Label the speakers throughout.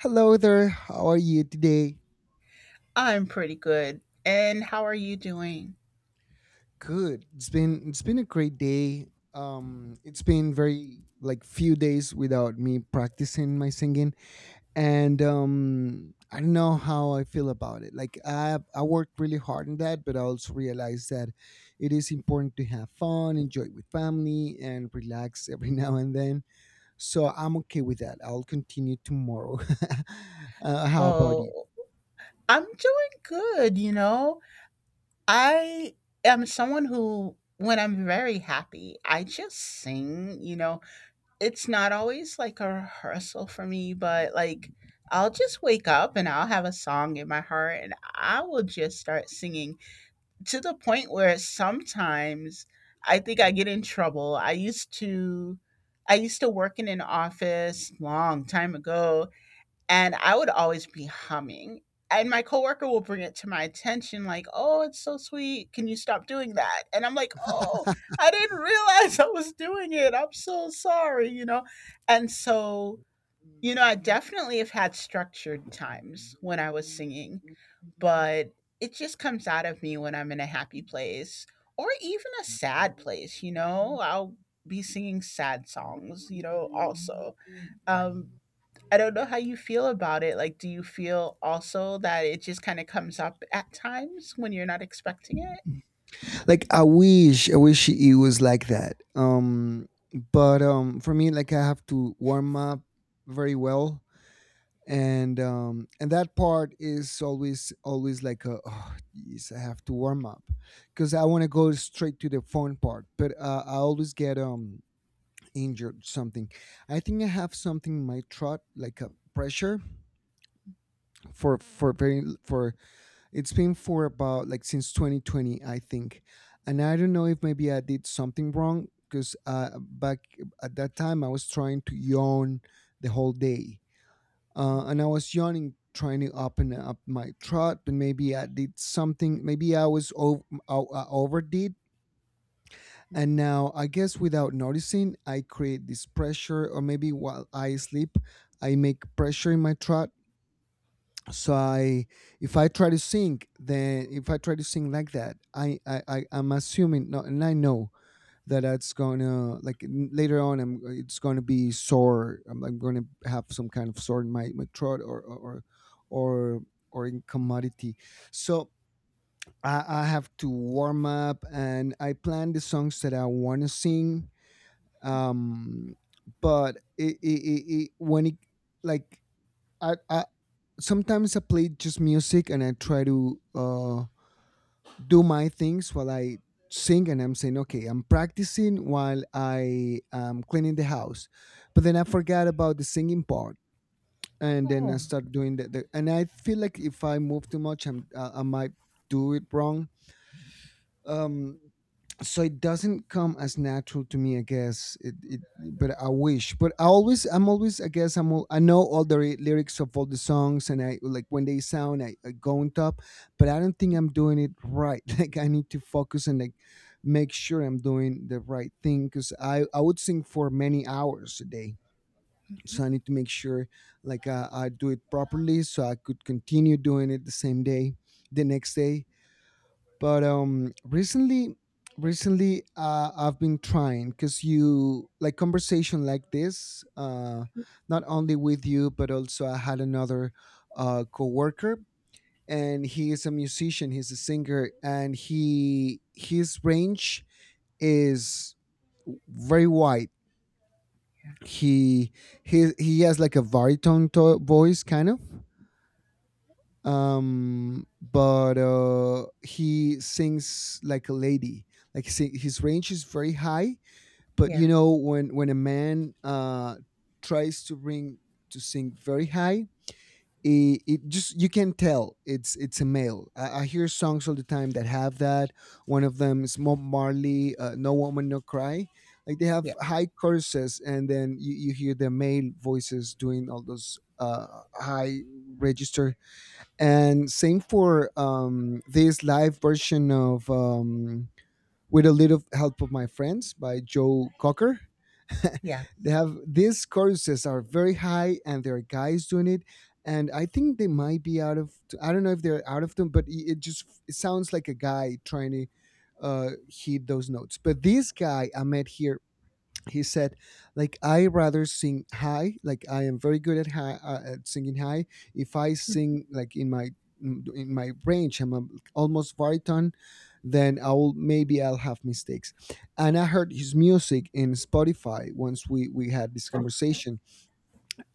Speaker 1: Hello there. How are you today?
Speaker 2: I'm pretty good. And how are you doing?
Speaker 1: Good. It's been a great day. It's been very like few days without me practicing my singing and I don't know how I feel about it. Like I worked really hard on that, but I also realized that it is important to have fun, enjoy with family and relax every now and then. So I'm okay with that. I'll continue tomorrow. How about you?
Speaker 2: Oh, I'm doing good, you know. I am someone who when I'm very happy, I just sing, you know. It's not always like a rehearsal for me, but like I'll just wake up and I'll have a song in my heart and I will just start singing to the point where sometimes I think I get in trouble. I used to work in an office long time ago, and I would always be humming. And my coworker will bring it to my attention, like, "Oh, it's so sweet. Can you stop doing that?" And I'm like, "Oh, I didn't realize I was doing it. I'm so sorry," you know. And so, you know, I definitely have had structured times when I was singing, but it just comes out of me when I'm in a happy place or even a sad place, you know. I'll be singing sad songs, you know, also. Um, I don't know how you feel about it. Like, do you feel also that it just kind of comes up at times when you're not expecting it?
Speaker 1: Like I wish it was like that. But for me, like, I have to warm up very well. And that part is always always like, a, oh yes, I have to warm up because I want to go straight to the phone part. But I always get injured something. I think I have something in my throat, like a pressure for it's been for about like since 2020, I think. And I don't know if maybe I did something wrong because back at that time I was trying to yawn the whole day. And I was yawning trying to open up my throat, but maybe I did something. Maybe I was over, I overdid. And now I guess without noticing, I create this pressure, or maybe while I sleep, I make pressure in my throat. So
Speaker 2: Mhm.
Speaker 1: I if I try to sing, then if I try to sing like that, I'm assuming no, and I know that it's gonna like later on I'm it's gonna be sore. I'm gonna have some kind of sore in my throat or or in commodity. So I have to warm up and I plan the songs that I want to sing. Um but it, it, it, it when it, like, I sometimes I play just music and I try to do my things while I sing, and I'm saying, okay, I'm practicing while I am cleaning the house. But then I forgot about the singing part, and then I
Speaker 2: Oh,
Speaker 1: start doing the and I feel like if I move too much, I might do it wrong. Um, so it doesn't come as natural to me, I guess. It but I wish but I always I'm always I guess I'm all, I know all the lyrics of all the songs, and I like when they sound, I go on top. But I don't think I'm doing it right. Like, I need to focus and like make sure I'm doing the right thing, because I would sing for many hours a day.
Speaker 2: mhm.
Speaker 1: So I need to make sure, like, I do it properly so I could continue doing it the same day, the next day. But recently, I've been trying because you like conversation like this. Not only with you, but also I had another coworker, and he is a musician, he's a singer, and he his range is very wide.
Speaker 2: Yeah,
Speaker 1: He he he has like a baritone voice kind of. But he sings like a lady. His range is very high. But, you
Speaker 2: yeah,
Speaker 1: know, when a man tries to bring to sing very high, it just you can tell it's a male. I hear songs all the time that have that. One of them is Bob Marley, No Woman No Cry. Like, they have
Speaker 2: yeah,
Speaker 1: high choruses, and then you hear the male voices doing all those high register. And same for this live version of With a Little Help of My Friends by Joe Cocker.
Speaker 2: yeah,
Speaker 1: They have these choruses are very high, and there are guys doing it, and I think they might be out of, I don't know if they're out of them, but it just it sounds like a guy trying to hit those notes. But this guy I met here, he said, like, I rather sing high, like I am very good at high, at singing high. If I sing like in my, in my range, like, almost baritone, then I'll maybe I'll have mistakes. And I heard his music in Spotify once we had this conversation.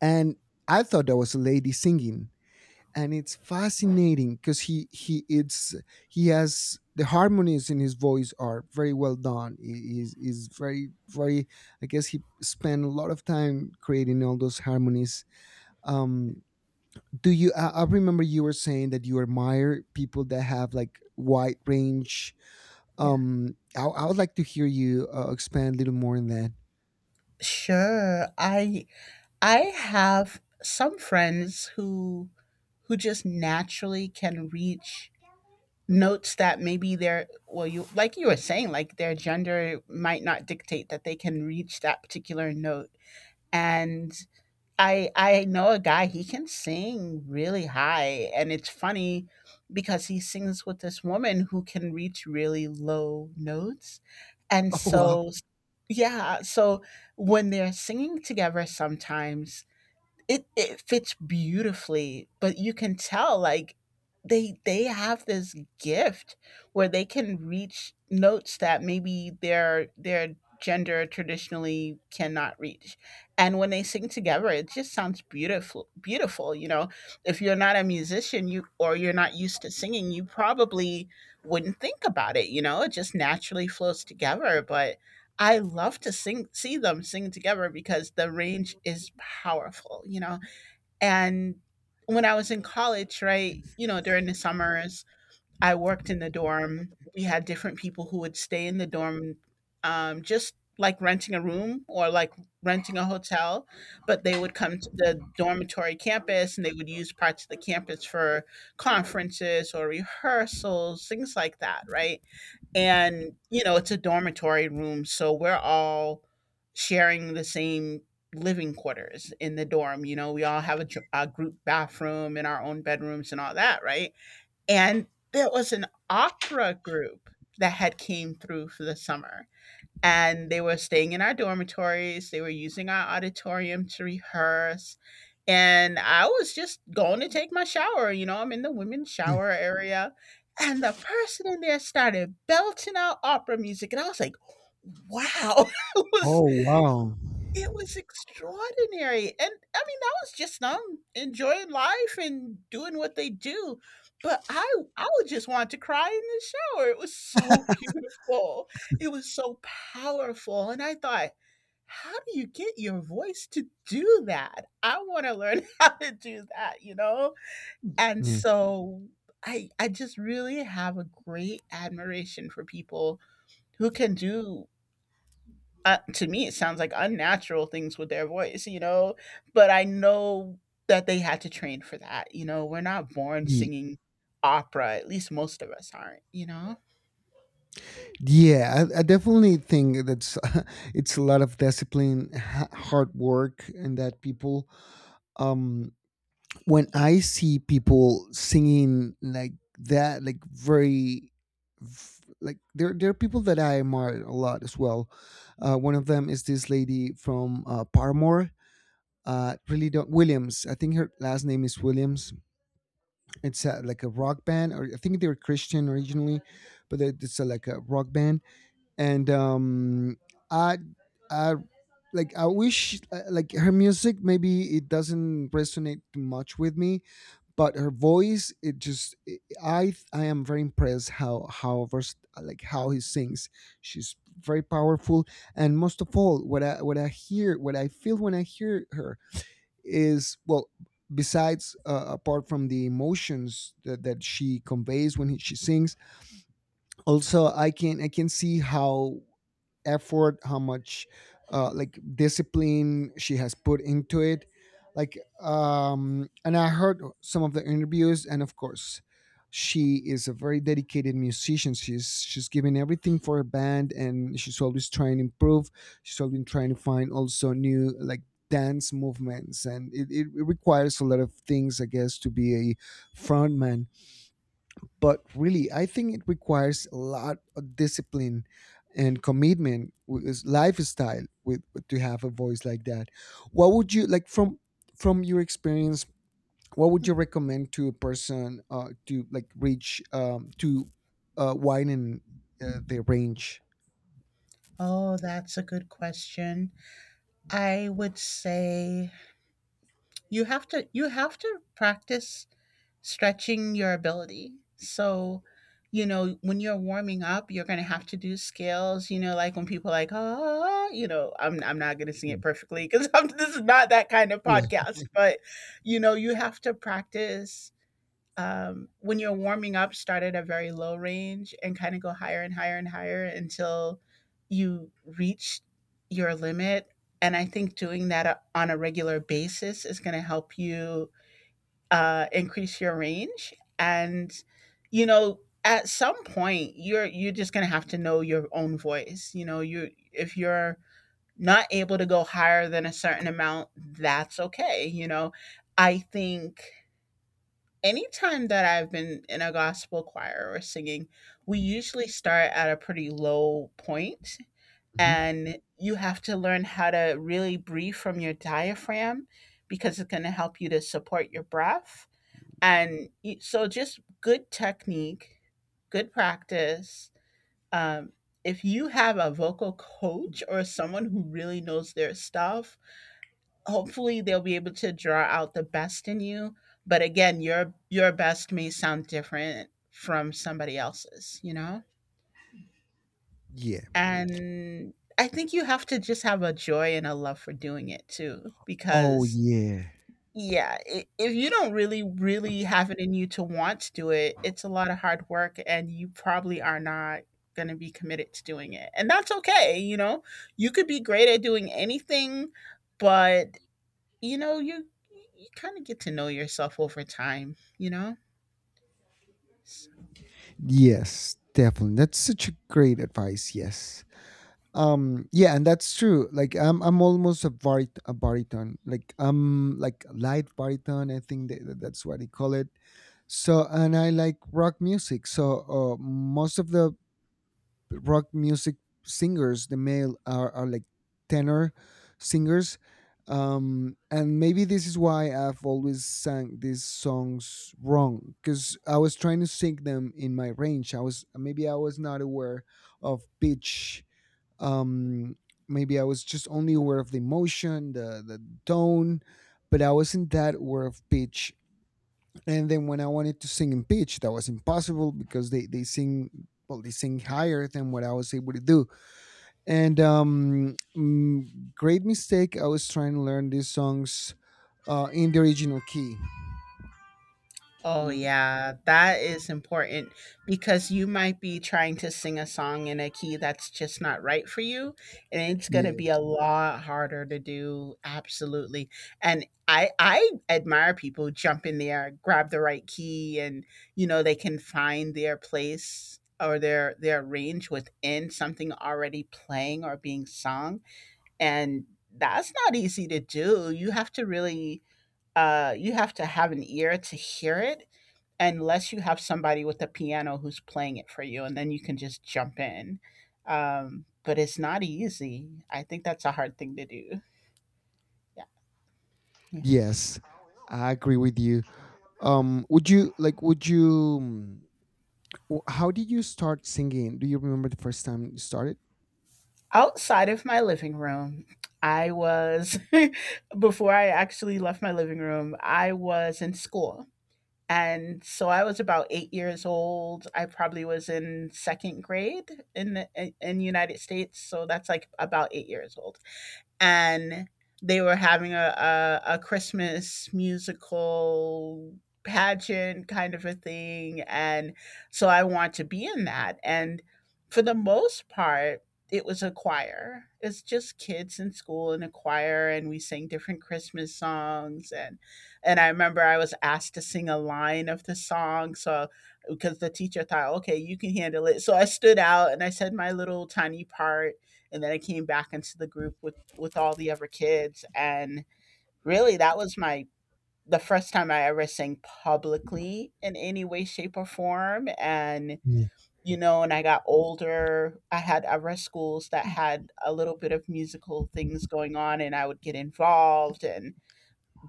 Speaker 1: And I thought that was a lady singing. And it's fascinating because he has the harmonies in his voice are very well done. He is very very. I guess he spent a lot of time creating all those harmonies. Um, do you? I remember you were saying that you admire people that have like wide range.
Speaker 2: yeah.
Speaker 1: I would like to hear you expand a little more on that.
Speaker 2: Sure. I have some friends who just naturally can reach notes that maybe their, well, you like you were saying, like their gender might not dictate that they can reach that particular note. And I know a guy, he can sing really high, and it's funny because he sings with this woman who can reach really low notes. And
Speaker 1: Oh
Speaker 2: so yeah, so when they're singing together sometimes, it fits beautifully, but you can tell like they have this gift where they can reach notes that maybe their gender traditionally cannot reach. And when they sing together, it just sounds beautiful, beautiful, you know? If you're not a musician you or you're not used to singing, you probably wouldn't think about it, you know. It just naturally flows together, but I love to sing see them sing together because the range is powerful, you know? And when I was in college, right, you know, during the summers, I worked in the dorm. We had
Speaker 1: wow!
Speaker 2: different people who would stay in the dorm, just like renting a room or like renting a hotel, but they would come to the dormitory campus and they would use parts of the campus for conferences or rehearsals, things like that, right? And you know, it's a dormitory room, so we're all sharing the same living quarters in the dorm. You know, we all have a group bathroom in our own bedrooms and all that, right? And there was an opera group that had came through for the summer, and they were staying in our dormitories. They were using our auditorium to rehearse. And I was just going to take my shower. You know, I'm in the women's
Speaker 1: Yeah.
Speaker 2: shower area. And the person in there started belting out opera music. And I was like, wow. It was
Speaker 1: Oh wow!
Speaker 2: it was extraordinary, and, I mean, I was just enjoying life and doing what they do, but I would just want to cry in the shower. It was so beautiful, it was so powerful, and I thought, "How do you get your voice to do that? I wanna learn how to do that," you know? And so I just really have a great admiration for people who can do, to me it sounds like unnatural things with their voice, you know. But I know that they had to train for that, you know. We're not born
Speaker 1: Yeah.
Speaker 2: singing opera, at least most of us aren't, you know.
Speaker 1: Yeah, I definitely think that's it's a lot of discipline, hard work, and that people. Um, when I see people singing like that, like, very, like, there are people that I admire a lot as well. One of them is this lady from Paramore. Really don't Williams. I think her last name is Williams. It's like a rock band, or I think they're Christian originally, but it's like a rock band. And I I like I wish, like, her music maybe it doesn't resonate too much with me, but her voice, it just it, I am very impressed how like how he sings. She's very powerful, and most of all, what I, what I hear, what I feel when I hear her is well. Besides, apart from the emotions that she conveys when he, she sings, also I can see how effort how much, like, discipline she has put into it, like. And I heard some of the interviews, and of course, she is a very dedicated musician. She's giving everything for her band, and she's always trying to improve. She's always trying to find also new, like, dance movements. And it requires a lot of things, I guess, to be a frontman. But really, I think it requires a lot of discipline and commitment with this lifestyle, with to have a voice like that. What would you like from your experience, what would you recommend to a person to like reach to widen their range?
Speaker 2: Oh, that's a good question. I would say you have to, you have to practice stretching your ability. So, you know, when you're warming up, you're gonna have to do scales. You know, like when people are like, oh, you know, I'm not gonna sing it perfectly because this is not that kind of
Speaker 1: Yeah.
Speaker 2: podcast. But you know, you have to practice, when you're warming up, start at a very low range and kind of go higher and higher and higher until you reach your limit. And I think doing that on a regular basis is going to help you increase your range. And you know, at some point, you're just going to have to know your own voice. You know, you if you're not able to go higher than a certain amount, that's okay. You know, I think anytime that I've been in a gospel choir or singing, we usually start at a pretty low point,
Speaker 1: Mhm.
Speaker 2: and you have to learn how to really breathe from your diaphragm because it's going to help you to support your breath. And so just good technique, good practice. Um if you have a vocal coach or someone who really knows their stuff, hopefully they'll be able to draw out the best in you. But again, your best may sound different from somebody else's, you know.
Speaker 1: Yeah.
Speaker 2: And I think you have to just have a joy and a love for doing it too,
Speaker 1: Oh
Speaker 2: because
Speaker 1: yeah.
Speaker 2: yeah, if you don't really have it in you to want to do it, it's a lot of hard work and you probably are not going to be committed to doing it, and that's okay, you know. You could be great at doing anything, but you know, you kind of get to know yourself over time, you know? S-
Speaker 1: Yes, definitely, that's such a great advice. Yes. Yeah, and that's true. Like, I'm almost a a baritone, like I'm like a light baritone, I think that's what they call it. So, and I like rock music, so, most of the rock music singers, the male, are like tenor singers. And maybe this is why I've always sang these songs wrong, because I was trying to sing them in my range. I was Maybe I was not aware of pitch. um Maybe I was just only aware of the emotion, the tone, but I wasn't that aware of pitch. And then when I wanted to sing in pitch, that was impossible because they sing well, they sing higher than what I was able to do. Great mistake. I was trying to learn these songs in the original key.
Speaker 2: Oh
Speaker 1: um
Speaker 2: yeah, that is important because you might be trying to sing a song in a key that's just not right for you, and it's going to
Speaker 1: yeah.
Speaker 2: be a lot harder to do, absolutely. And I admire people who jump in there, grab the right key, and you know, they can find their place or their range within something already playing or being sung. And that's not easy to do. You have to really, you have to have an ear to hear it, unless you have somebody with a piano who's playing it for you and then you can just jump in. But it's not easy. I think that's a hard thing to do. Yeah, yeah.
Speaker 1: Yes, I agree with you. Would you like, would you, how did you start singing? Do you remember the first time you started?
Speaker 2: Outside of my living room I was, before I actually left my living room I was in school. And so I was about 8 years old. I probably was in second grade in the in United States. So that's like about 8 years old, and they were having a Christmas musical pageant kind of a thing. And so I want to be in that. And for the most part, it was a choir. It's just kids in school in a choir, and we sang different Christmas songs. And I remember I was asked to sing a line of the song, so because the teacher thought, okay, you can handle it. So I stood out and I said my little tiny part, and then I came back into the group with all the other kids. And really, that was my the first time I ever sang publicly in any way, shape or form. And
Speaker 1: Yeah.
Speaker 2: you know, and I got older, I had other schools that had a little bit of musical things going on and I would get involved. And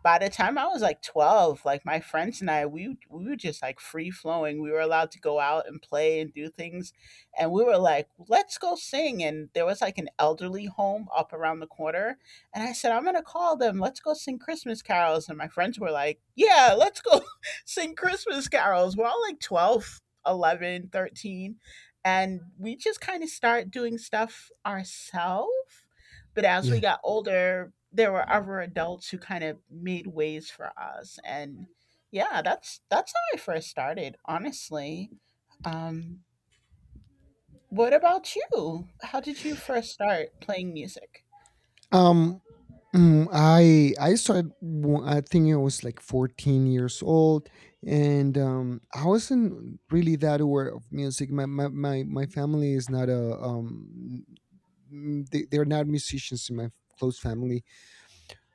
Speaker 2: by the time I was like 12, like my friends and I, we were just like free flowing. We were allowed to go out and play and do things. And we were like, let's go sing. And there was like an elderly home up around the corner. And I said, I'm going to call them. Let's go sing Christmas carols. And my friends were like, yeah, let's go sing Christmas carols. We're all like 12, 11, 13. And we just kind of start doing stuff ourselves, but as
Speaker 1: Yeah.
Speaker 2: we got older, there were other adults who kind of made ways for us. And yeah, that's how I first started, honestly. Um, what about you? How did you first start playing music?
Speaker 1: Um, I started. I think I was like 14 years old, and I wasn't really that aware of music. My family is not a, they're not musicians in my close family.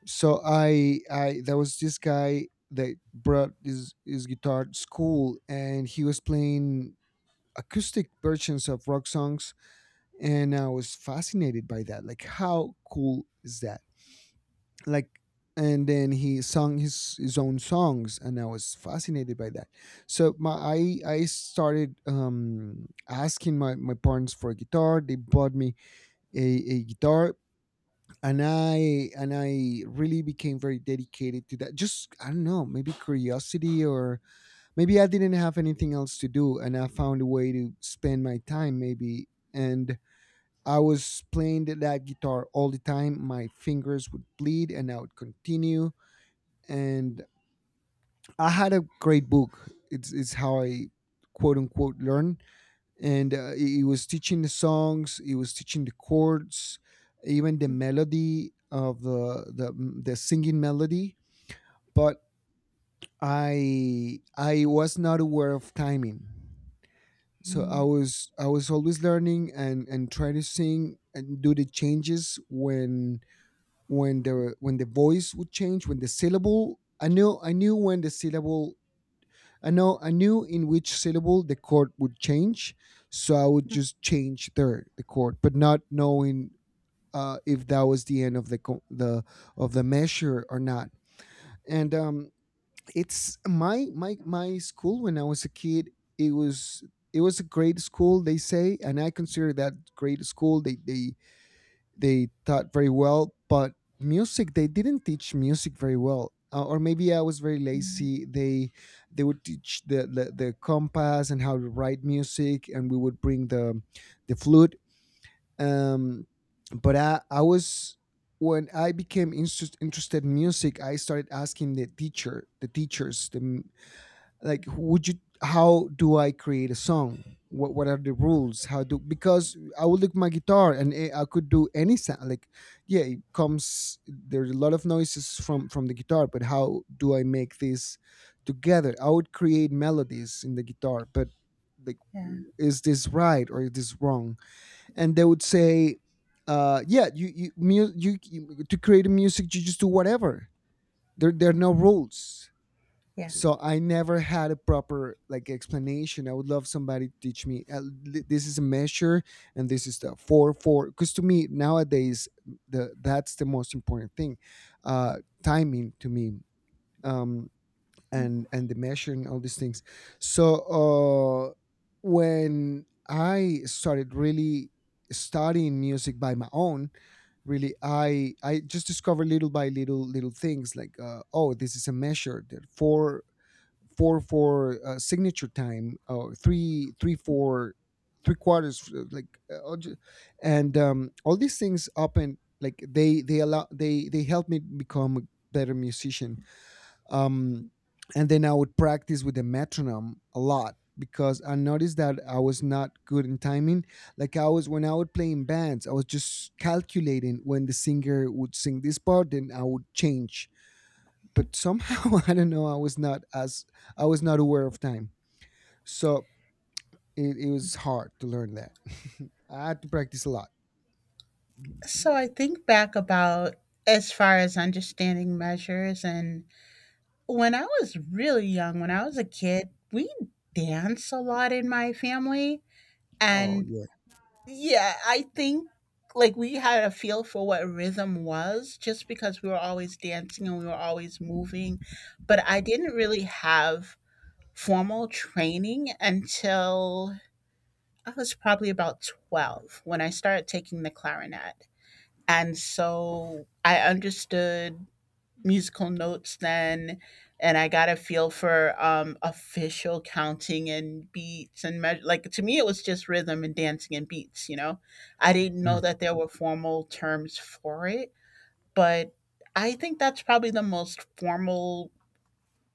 Speaker 1: So I there was this guy that brought his guitar to school, and he was playing acoustic versions of rock songs, and I was fascinated by that. Like, how cool is that? Like, and then he sung his own songs, and I was fascinated by that. So my I started asking my parents for a guitar. They bought me a guitar. And I really became very dedicated to that. Just, I don't know, maybe curiosity, or maybe I didn't have anything else to do, and I found a way to spend my time, maybe. And I was playing that guitar all the time. My fingers would bleed, and I would continue. And I had a great book. It's how I, quote unquote, learn. And it was teaching the songs, it was teaching the chords, even the melody of the singing melody. But I was not aware of timing. So I
Speaker 2: Mhm.
Speaker 1: was I was always learning and try to sing and do the changes when when the voice would change, when the syllable I knew when the syllable I know I knew in which syllable the chord would change, so I would just change the chord, but not knowing, if that was the end of the co- the of the measure or not. And It's my school when I was a kid. It was— it was a great school, they say, and I consider that great school. They taught very well, but music, they didn't teach music very well. Or maybe I was very
Speaker 2: Mhm.
Speaker 1: lazy. They would teach the compass and how to write music, and we would bring the flute. um but I was— when I became interested in music, I started asking the teacher the teachers the, like, would you— how do I create a song? What are the rules? How do— because I would look my guitar, and I could do any sound, like, yeah, it comes. There's a lot of noises from the guitar, but how do I make this together? I would create melodies in the guitar, but like,
Speaker 2: Yeah,
Speaker 1: is this right or is this wrong? And they would say, yeah, you, mu- you- to create a music, you just do whatever. There are
Speaker 2: yeah,
Speaker 1: no rules.
Speaker 2: yeah.
Speaker 1: So I never had a proper, like, explanation. I would love somebody to teach me. This is a measure, and this is the four four. Because to me nowadays, the that's the most important thing. Timing, to me. um, and the measure, and all these things. So, when I started really studying music by my own, really, I just discovered little by little, little things, like, oh, this is a measure, there are four four for, signature time, or three three four three quarters, and all these things open, like, they allow they help me become a better musician. um and then I would practice with the metronome a lot, because I noticed that I was not good in timing. Like, I was— when I would play in bands, I was just calculating when the singer would sing this part, then I would change,
Speaker 2: Mhm.
Speaker 1: but somehow I don't know, I was not as— I was not aware of time, so it was hard to learn that. I had to practice a lot.
Speaker 2: So I think back about, as far as understanding measures and when I was really young, when I was a kid, we danced a lot in my family.
Speaker 1: Oh
Speaker 2: And
Speaker 1: yeah.
Speaker 2: yeah, I think like we had a feel for what rhythm was just because we were always dancing and we were always moving, but I didn't really have formal training until I was probably about 12 when I started taking the clarinet. And so I understood musical notes then, and I got a feel for official counting and beats and measure. Like to me it was just rhythm and dancing and beats, you know. I didn't know that there were formal terms for it, but I think that's probably the most formal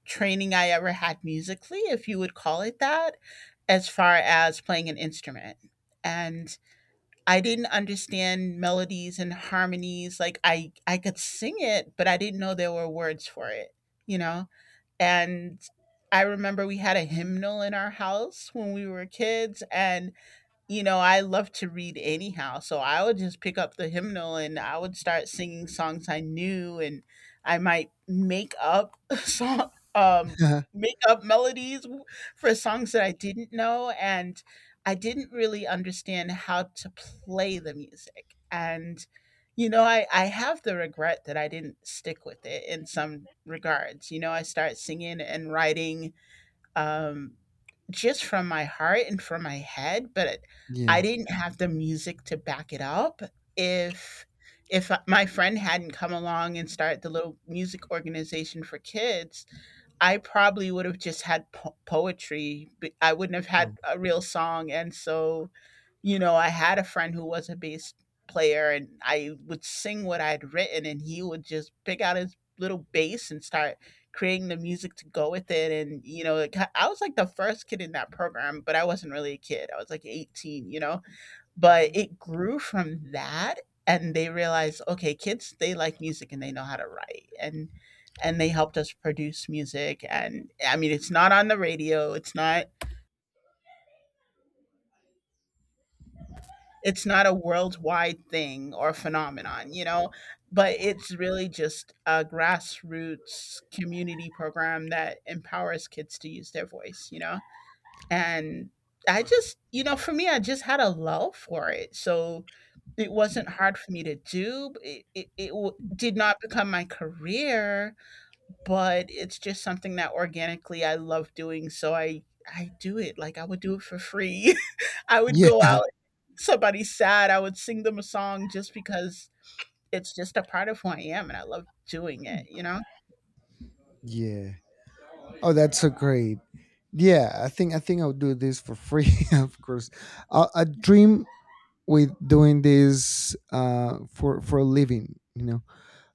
Speaker 2: training I ever had musically, if you would call it that, as far as playing an instrument. And I didn't understand melodies and harmonies, like, I could sing it, but I didn't know there were words for it, you know? And I remember we had a hymnal in our house when we were kids, and I love to read anyhow. So I would just pick up the hymnal and I would start singing songs I knew, and I might make up song,
Speaker 1: Yeah.
Speaker 2: make up melodies for songs that I didn't know, and I didn't really understand how to play the music. And I have the regret that I didn't stick with it in some regards. You know, I start singing and writing um, just from my heart and from my head, but
Speaker 1: Yeah.
Speaker 2: I didn't have the music to back it up. If if my friend hadn't come along and started the little music organization for kids, I probably would have just had poetry. But I wouldn't have had
Speaker 1: um,
Speaker 2: a real song. And so, you know, I had a friend who was a bass player and I would sing what I'd written and he would just pick out his little bass and start creating the music to go with it. And, you know, I was like the first kid in that program, but I wasn't really a kid. I was like 18, you know? But it grew from that and they realized, okay, kids they like music and they know how to write and they helped us produce music, and I mean it's not on the radio, it's not a worldwide thing or phenomenon, you know, but it's really just a grassroots community program that empowers kids to use their voice, you know? And I just, you know, for me, I just had a love for it. So it wasn't hard for me to do. Did not become my career, but it's just something that organically I love doing. So I do it like I would do it for free. I would
Speaker 1: yeah.
Speaker 2: go out, somebody's sad, I would sing them a song just because it's just a part of who I am and I love doing it, you know?
Speaker 1: Yeah. Oh, that's so great. Yeah, I think I'll do this for free. Of course, I dream with doing this, for a living. You know.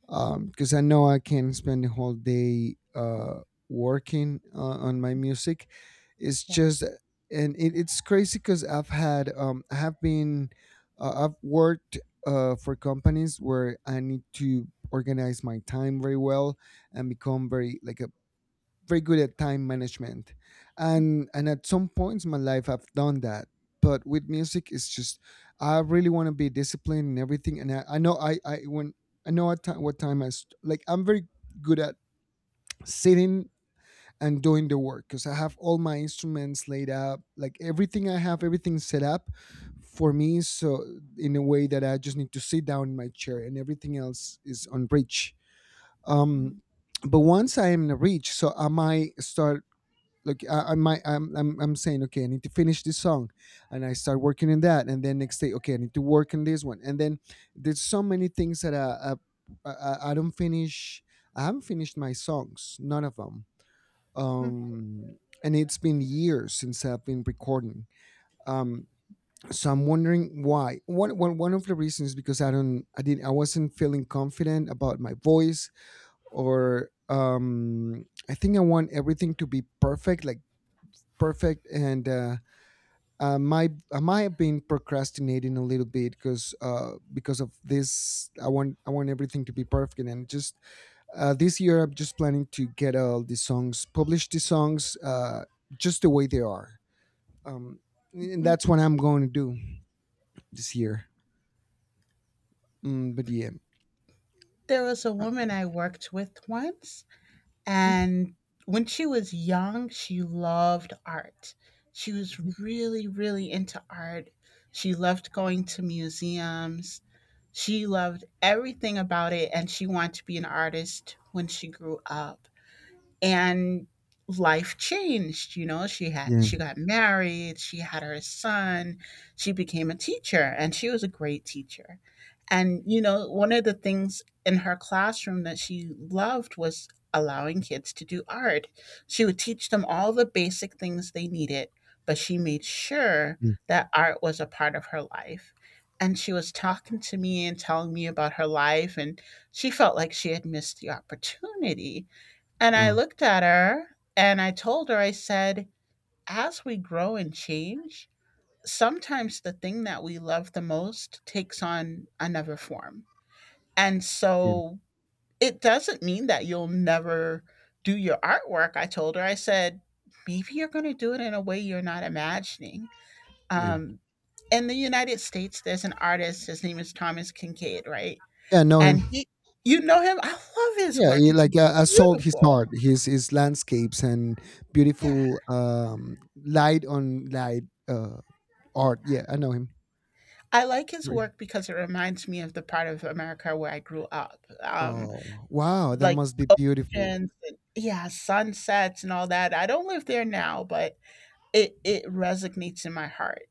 Speaker 1: Because I know I can spend the whole day, working, on my music. It's
Speaker 2: Yeah.
Speaker 1: just— and it's crazy, because I've had, I have been, I've worked, for companies where I need to organize my time very well, and become very, like a— very good at time management, and at some points in my life I've done that. But with music, it's just— I really want to be disciplined and everything, and I know— I when I know what time like, I'm very good at sitting and doing the work, because I have all my instruments laid out, like, everything— I have everything set up for me, so in a way that I just need to sit down in my chair, and everything else is on reach. um
Speaker 2: Mhm.
Speaker 1: but once I am in reach, so I might start, like— I'm saying, okay, I need to finish this song, and I start working on that. And then next day, okay, I need to work on this one. And then there's so many things that I don't finish. I haven't finished my songs, none of them. um and it's been years since I've been recording. um so I'm wondering why. One of the reasons is because I don't I didn't I wasn't feeling confident about my voice, or I think I want everything to be perfect, like perfect. And I might have been procrastinating a little bit, because, because of this, I want everything to be perfect. And just, this year I'm just planning to get all the songs— publish the songs, just the way they are. um, and that's what I'm going to do this year. But yeah.
Speaker 2: There was a woman I worked with once.
Speaker 1: Mhm.
Speaker 2: And when she was young, she loved art. She was
Speaker 1: Mhm.
Speaker 2: really, really into art. She loved going to museums. She loved everything about it, and she wanted to be an artist when she grew up, and life changed. You know,
Speaker 1: Yeah,
Speaker 2: she got married, she had her son, she became a teacher and she was a great teacher. And you know, one of the things in her classroom that she loved was allowing kids to do art. She would teach them all the basic things they needed, but she made sure
Speaker 1: yeah.
Speaker 2: that art was a part of her life. And she was talking to me and telling me about her life, and she felt like she had missed the opportunity. And I
Speaker 1: Oh
Speaker 2: looked at her and I told her, I said, as we grow and change, sometimes the thing that we love the most takes on another form. And
Speaker 1: yeah,
Speaker 2: so it doesn't mean that you'll never do your artwork. I told her, I said, maybe you're going to do it in a way you're not imagining.
Speaker 1: yeah,
Speaker 2: Um, in the United States, there's an artist, his name is Thomas Kincaid, right?
Speaker 1: yeah, I know him.
Speaker 2: And he, you know him, I love his
Speaker 1: Yeah,
Speaker 2: work.
Speaker 1: he,
Speaker 2: It's
Speaker 1: like, sold his
Speaker 2: beautiful.
Speaker 1: art, his landscapes and
Speaker 2: Yeah.
Speaker 1: beautiful, light on light, uh art. Yeah, I know him.
Speaker 2: I like his
Speaker 1: Re-
Speaker 2: work because it reminds me of the part of America where I grew up.
Speaker 1: oh, wow, that
Speaker 2: Like
Speaker 1: must be beautiful.
Speaker 2: oceans and yeah, sunsets and all that. I don't live there now, but it resonates in my heart.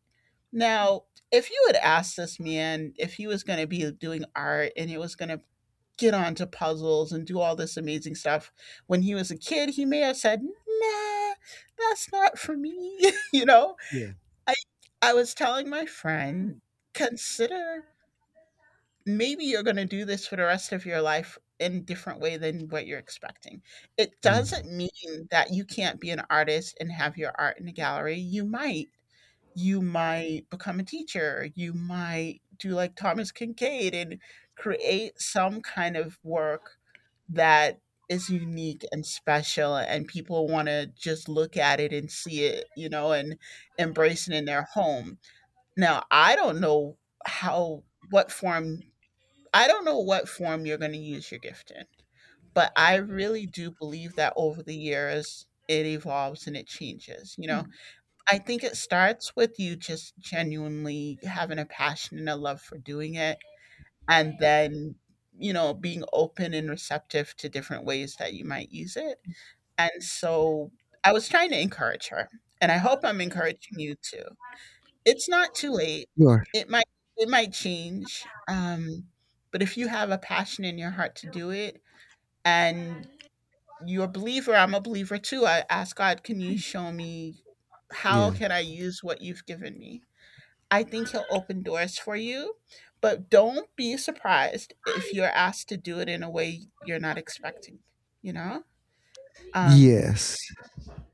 Speaker 2: Now, if you had asked this man if he was going to be doing art and he was going to get onto puzzles and do all this amazing stuff when he was a kid, he may have said, "Nah, that's not for me." You know,
Speaker 1: Yeah.
Speaker 2: I I was telling my friend, consider maybe you're going to do this for the rest of your life in a different way than what you're expecting. It
Speaker 1: Yeah,
Speaker 2: doesn't mean that you can't be an artist and have your art in a gallery. You might. You might become a teacher. You might do like Thomas Kincaid and create some kind of work that is unique and special and people want to just look at it and see it, you know, and embrace it in their home. Now, I don't know how what form, I don't know what form you're going to use your gift in, but I really do believe that over the years it evolves and it changes. You know, I think it starts with you just genuinely having a passion and a love for doing it, and then, you know, being open and receptive to different ways that you might use it. And so I was trying to encourage her, and I hope I'm encouraging you too. It's not too late.
Speaker 1: you are.
Speaker 2: It might it might change, but if you have a passion in your heart to do it and you're a believer, I'm a believer too. I ask God, "Can you show me
Speaker 1: Yeah.
Speaker 2: how can I use what you've given me?" I think he'll open doors for you, but don't be surprised if you're asked to do it in a way you're not expecting, you know? Um,
Speaker 1: Yes.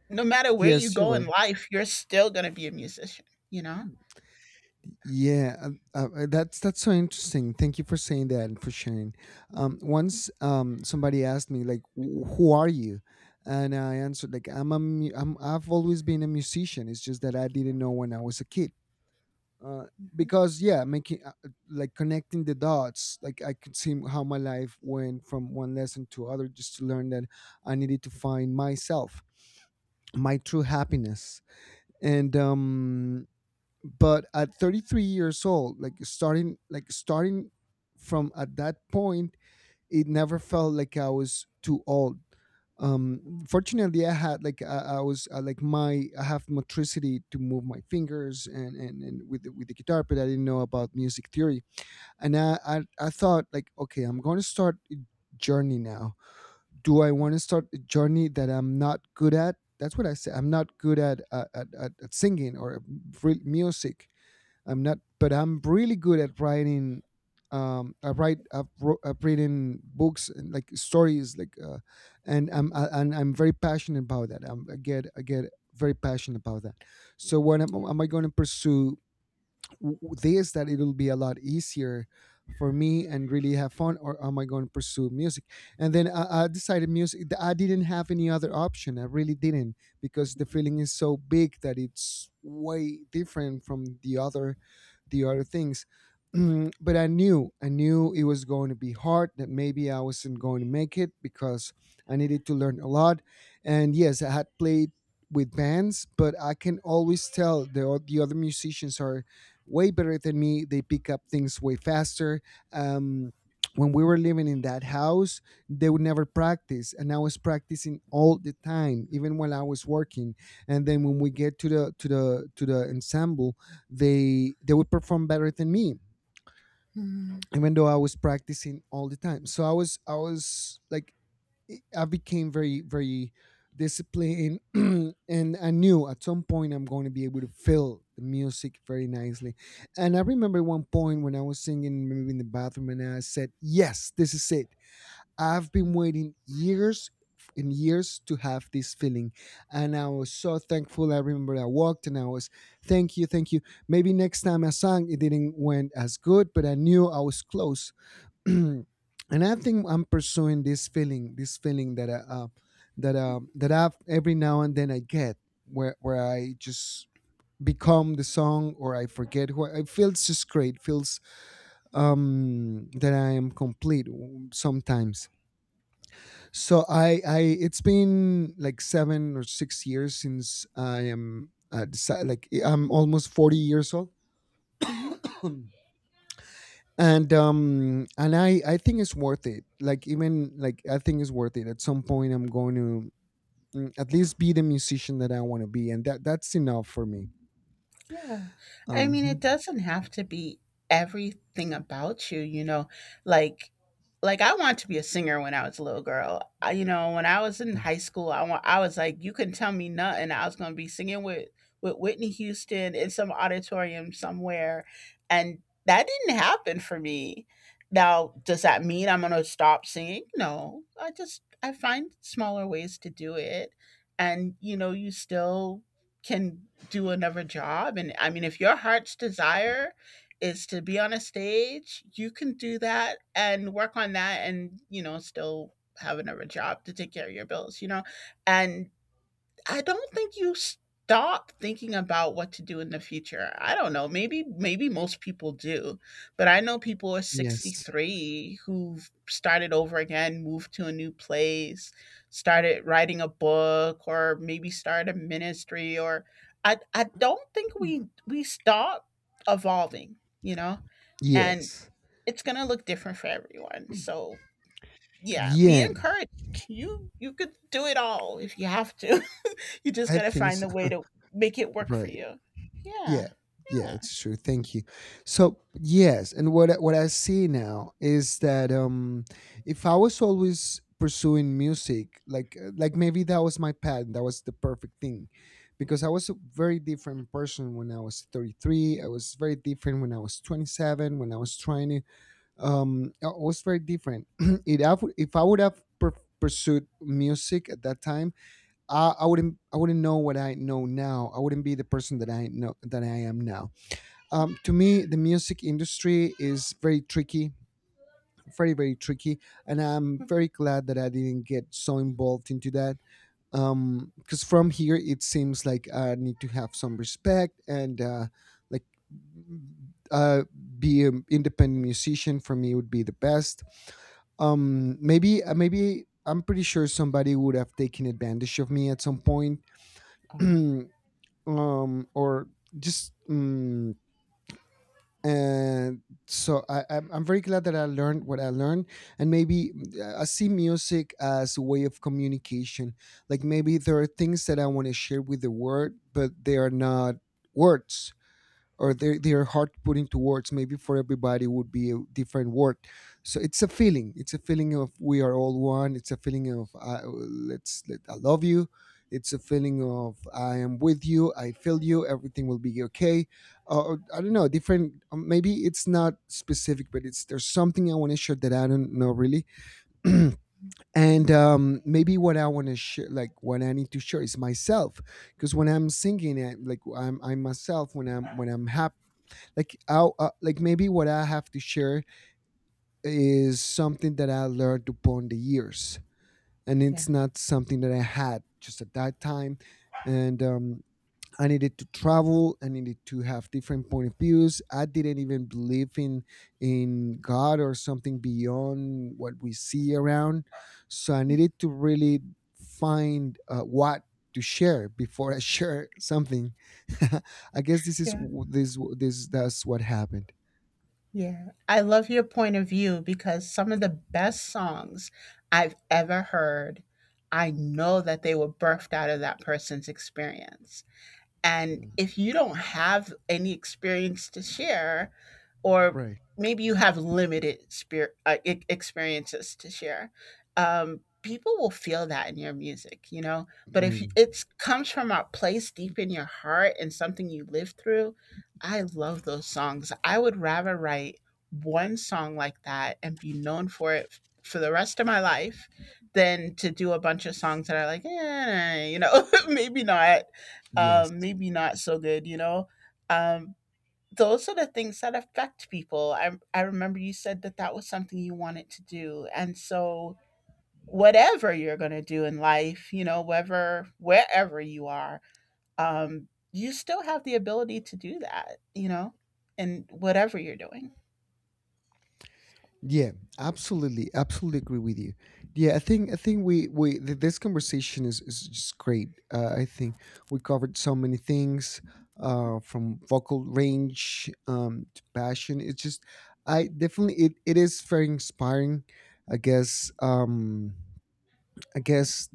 Speaker 2: no matter where you
Speaker 1: Yes, you're
Speaker 2: go in
Speaker 1: right.
Speaker 2: life, you're still gonna be a musician, you know?
Speaker 1: Yeah, that's so interesting. Thank you for saying that and for sharing. Once, somebody asked me, like, Who are you?" And I answered, like, I'm— I've always been a musician. It's just that I didn't know when I was a kid." Uh,
Speaker 2: Mhm.
Speaker 1: because, yeah, making, like, connecting the dots, like, I could see how my life went from one lesson to other, just to learn that I needed to find myself, my true happiness, and, but at 33 years old, like, starting— like starting from at that point, it never felt like I was too old. Fortunately, I had, like— I have motricity to move my fingers, and, with the guitar, but I didn't know about music theory. And I thought, like, okay, I'm going to start a journey now. Do I want to start a journey that I'm not good at? That's what I said. I'm not good at singing, or real music. I'm not. But I'm really good at writing. I write. I've written books and, like, stories, like, and I'm very passionate about that. I get very passionate about that. So what am,
Speaker 2: Yeah.
Speaker 1: am I going to pursue, this, that it'll be a lot easier for me and really have fun, or am I going to pursue music? And then I decided music. I didn't have any other option. I really didn't, because the feeling is so big that it's way different from the other— the other things. But I knew it was going to be hard, that maybe I wasn't going to make it, because I needed to learn a lot. And yes, I had played with bands, but I can always tell the other musicians are way better than me. They pick up things way faster. Um, when we were living in that house, they would never practice. And I was practicing all the time, even while I was working. And then, when we get to the ensemble, they would perform better than me,
Speaker 2: Mhm.
Speaker 1: even though I was practicing all the time. So I was like, I became very, very disciplined. And I knew at some point I'm going to be able to fill the music very nicely. And I remember one point, when I was singing, maybe in the bathroom, and I said, yes, this is it. I've been waiting years and years to have this feeling. And I was so thankful. I remember I walked and I was, thank you, thank you. Maybe next time I sang, it didn't went as good, but I knew I was close. And I think I'm pursuing this feeling that I, that that I've— every now and then, I get, where I just become the song, or I forget who I— it feels just great. Feels, that I am complete, sometimes. So, it's been like 7 or 6 years since I am, like, I'm almost 40 years old.
Speaker 2: Mhm.
Speaker 1: And I think it's worth it. Like, even like, I think it's worth it. At some point, I'm going to, at least, be the musician that I want to be, and that's enough for me.
Speaker 2: Yeah. I mean,
Speaker 1: Mhm.
Speaker 2: it doesn't have to be everything about you, you know, like like I wanted to be a singer when I was a little girl. I, you know, when I was in high school, I was like, you couldn't tell me nothing. I was going to be singing with Whitney Houston in some auditorium somewhere, and that didn't happen for me. Now, does that mean I'm going to stop singing? No. I find smaller ways to do it, and you know, you still can do another job. And I mean, if your heart's desire is to be on a stage, you can do that and work on that and, you know, still have another job to take care of your bills, you know? And I don't think you stop thinking about what to do in the future. I don't know. Maybe maybe most people do, but I know people at
Speaker 1: Yes.
Speaker 2: 63 who've started over again, moved to a new place, started writing a book or maybe started a ministry, or I don't think we stop evolving, you know? And
Speaker 1: Yes.
Speaker 2: it's going to look different for everyone. So, yeah, be
Speaker 1: Yeah.
Speaker 2: encouraged. You could do it all if you have to. You just
Speaker 1: I
Speaker 2: got to
Speaker 1: think
Speaker 2: find the
Speaker 1: so.
Speaker 2: way to make it work for
Speaker 1: Right.
Speaker 2: you. Yeah.
Speaker 1: Yeah, yeah,
Speaker 2: Yeah.
Speaker 1: it's true. Thank you. So yes, and what I see now is that, if I was always pursuing music, like, maybe that was my path, that was the perfect thing, because I was a very different person when I was 33. I was very different when I was 27. When I was trying to, I was very different. If I would have pursued music at that time, I wouldn't know what I know now. I wouldn't be the person that I know that I am now. To me, the music industry is very tricky, very, very tricky, and I'm very glad that I didn't get so involved into that. Because from here it seems like I need to have some respect, and, like, uh, be an independent musician, for me, would be the best. Maybe, maybe I'm pretty sure somebody would have taken advantage of me at some point.
Speaker 2: Oh,
Speaker 1: Or just, and so, I'm very glad that I learned what I learned. And maybe, I see music as a way of communication. Like, maybe there are things that I want to share with the world, but they are not words, or their heart putting towards. Maybe for everybody would be a different word. So it's a feeling, it's a feeling of, we are all one. It's a feeling of, I love you. It's a feeling of, I am with you, I feel you, everything will be okay. Or, I don't know, different. Maybe it's not specific, but it's there's something I want to share that I don't know, really. And maybe what I want to share, like what I need to share, is myself, because when I'm singing it, like, I'm myself, when I'm happy. Like, maybe what I have to share is something that I learned upon the years, and
Speaker 2: yeah.
Speaker 1: it's not something that I had just at that time. And I needed to travel. I needed to have different point of views. I didn't even believe in God, or something beyond what we see around. So I needed to really find, what to share before I share something. I guess this is
Speaker 2: Yeah.
Speaker 1: w- this that's what happened.
Speaker 2: Yeah. I love your point of view because some of the best songs I've ever heard, I know that they were birthed out of that person's experience. And
Speaker 1: Mm.
Speaker 2: if you don't have any experience to share, or
Speaker 1: Right.
Speaker 2: maybe you have limited spirit, experiences to share, people will feel that in your music, you know. But if
Speaker 1: Maybe.
Speaker 2: it comes from a place deep in your heart and something you lived through, I love those songs. I would rather write one song like that and be known for it for the rest of my life than to do a bunch of songs that are like, eh, nah," you know,
Speaker 1: Yes.
Speaker 2: maybe not so good, you know. Um, those are the things that affect people. I remember you said that that was something you wanted to do. And so, whatever you're going to do in life, you know, wherever you are, you still have the ability to do that, you know, in whatever you're doing.
Speaker 1: Yeah. Absolutely. Absolutely agree with you. Yeah. I think— I think this conversation is just great. I think we covered so many things, from vocal range, to passion. It's just, I definitely— it is very inspiring. I guess. I guess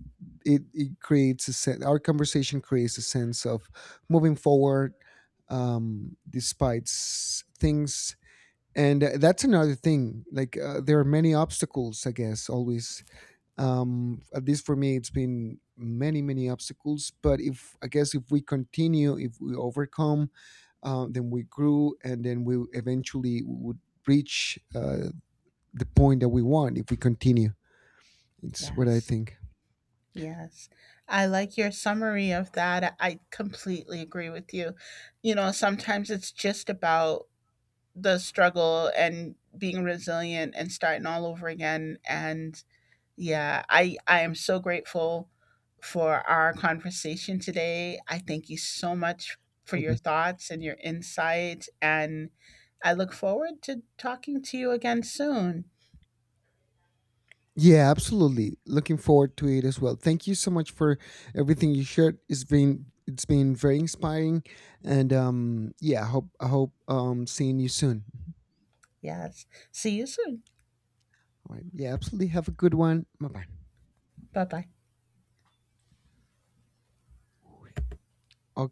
Speaker 1: it creates a sense— our conversation creates a sense of moving forward, despite things. And that's another thing. Like, there are many obstacles, I guess, always. At least for me, it's been many, many obstacles. But if— I guess, if we continue, if we overcome, then we grew, and then we eventually would reach, the point that we want, if we continue. It's what I
Speaker 2: Yes.
Speaker 1: think.
Speaker 2: Yes. I like your summary of that. I completely agree with you. You know, sometimes it's just about the struggle and being resilient and starting all over again, and yeah, I am so grateful for our conversation today. I thank you so much for your
Speaker 1: like
Speaker 2: thoughts and your insight, and I look forward to talking to you again soon.
Speaker 1: Yeah, absolutely. Looking forward to it as well. Thank you so much for everything you shared. It's been very inspiring, and yeah, I hope seeing you soon.
Speaker 2: Yes. See you soon.
Speaker 1: All right. Yeah, absolutely. Have a good one. Bye bye.
Speaker 2: Bye bye.
Speaker 1: Okay.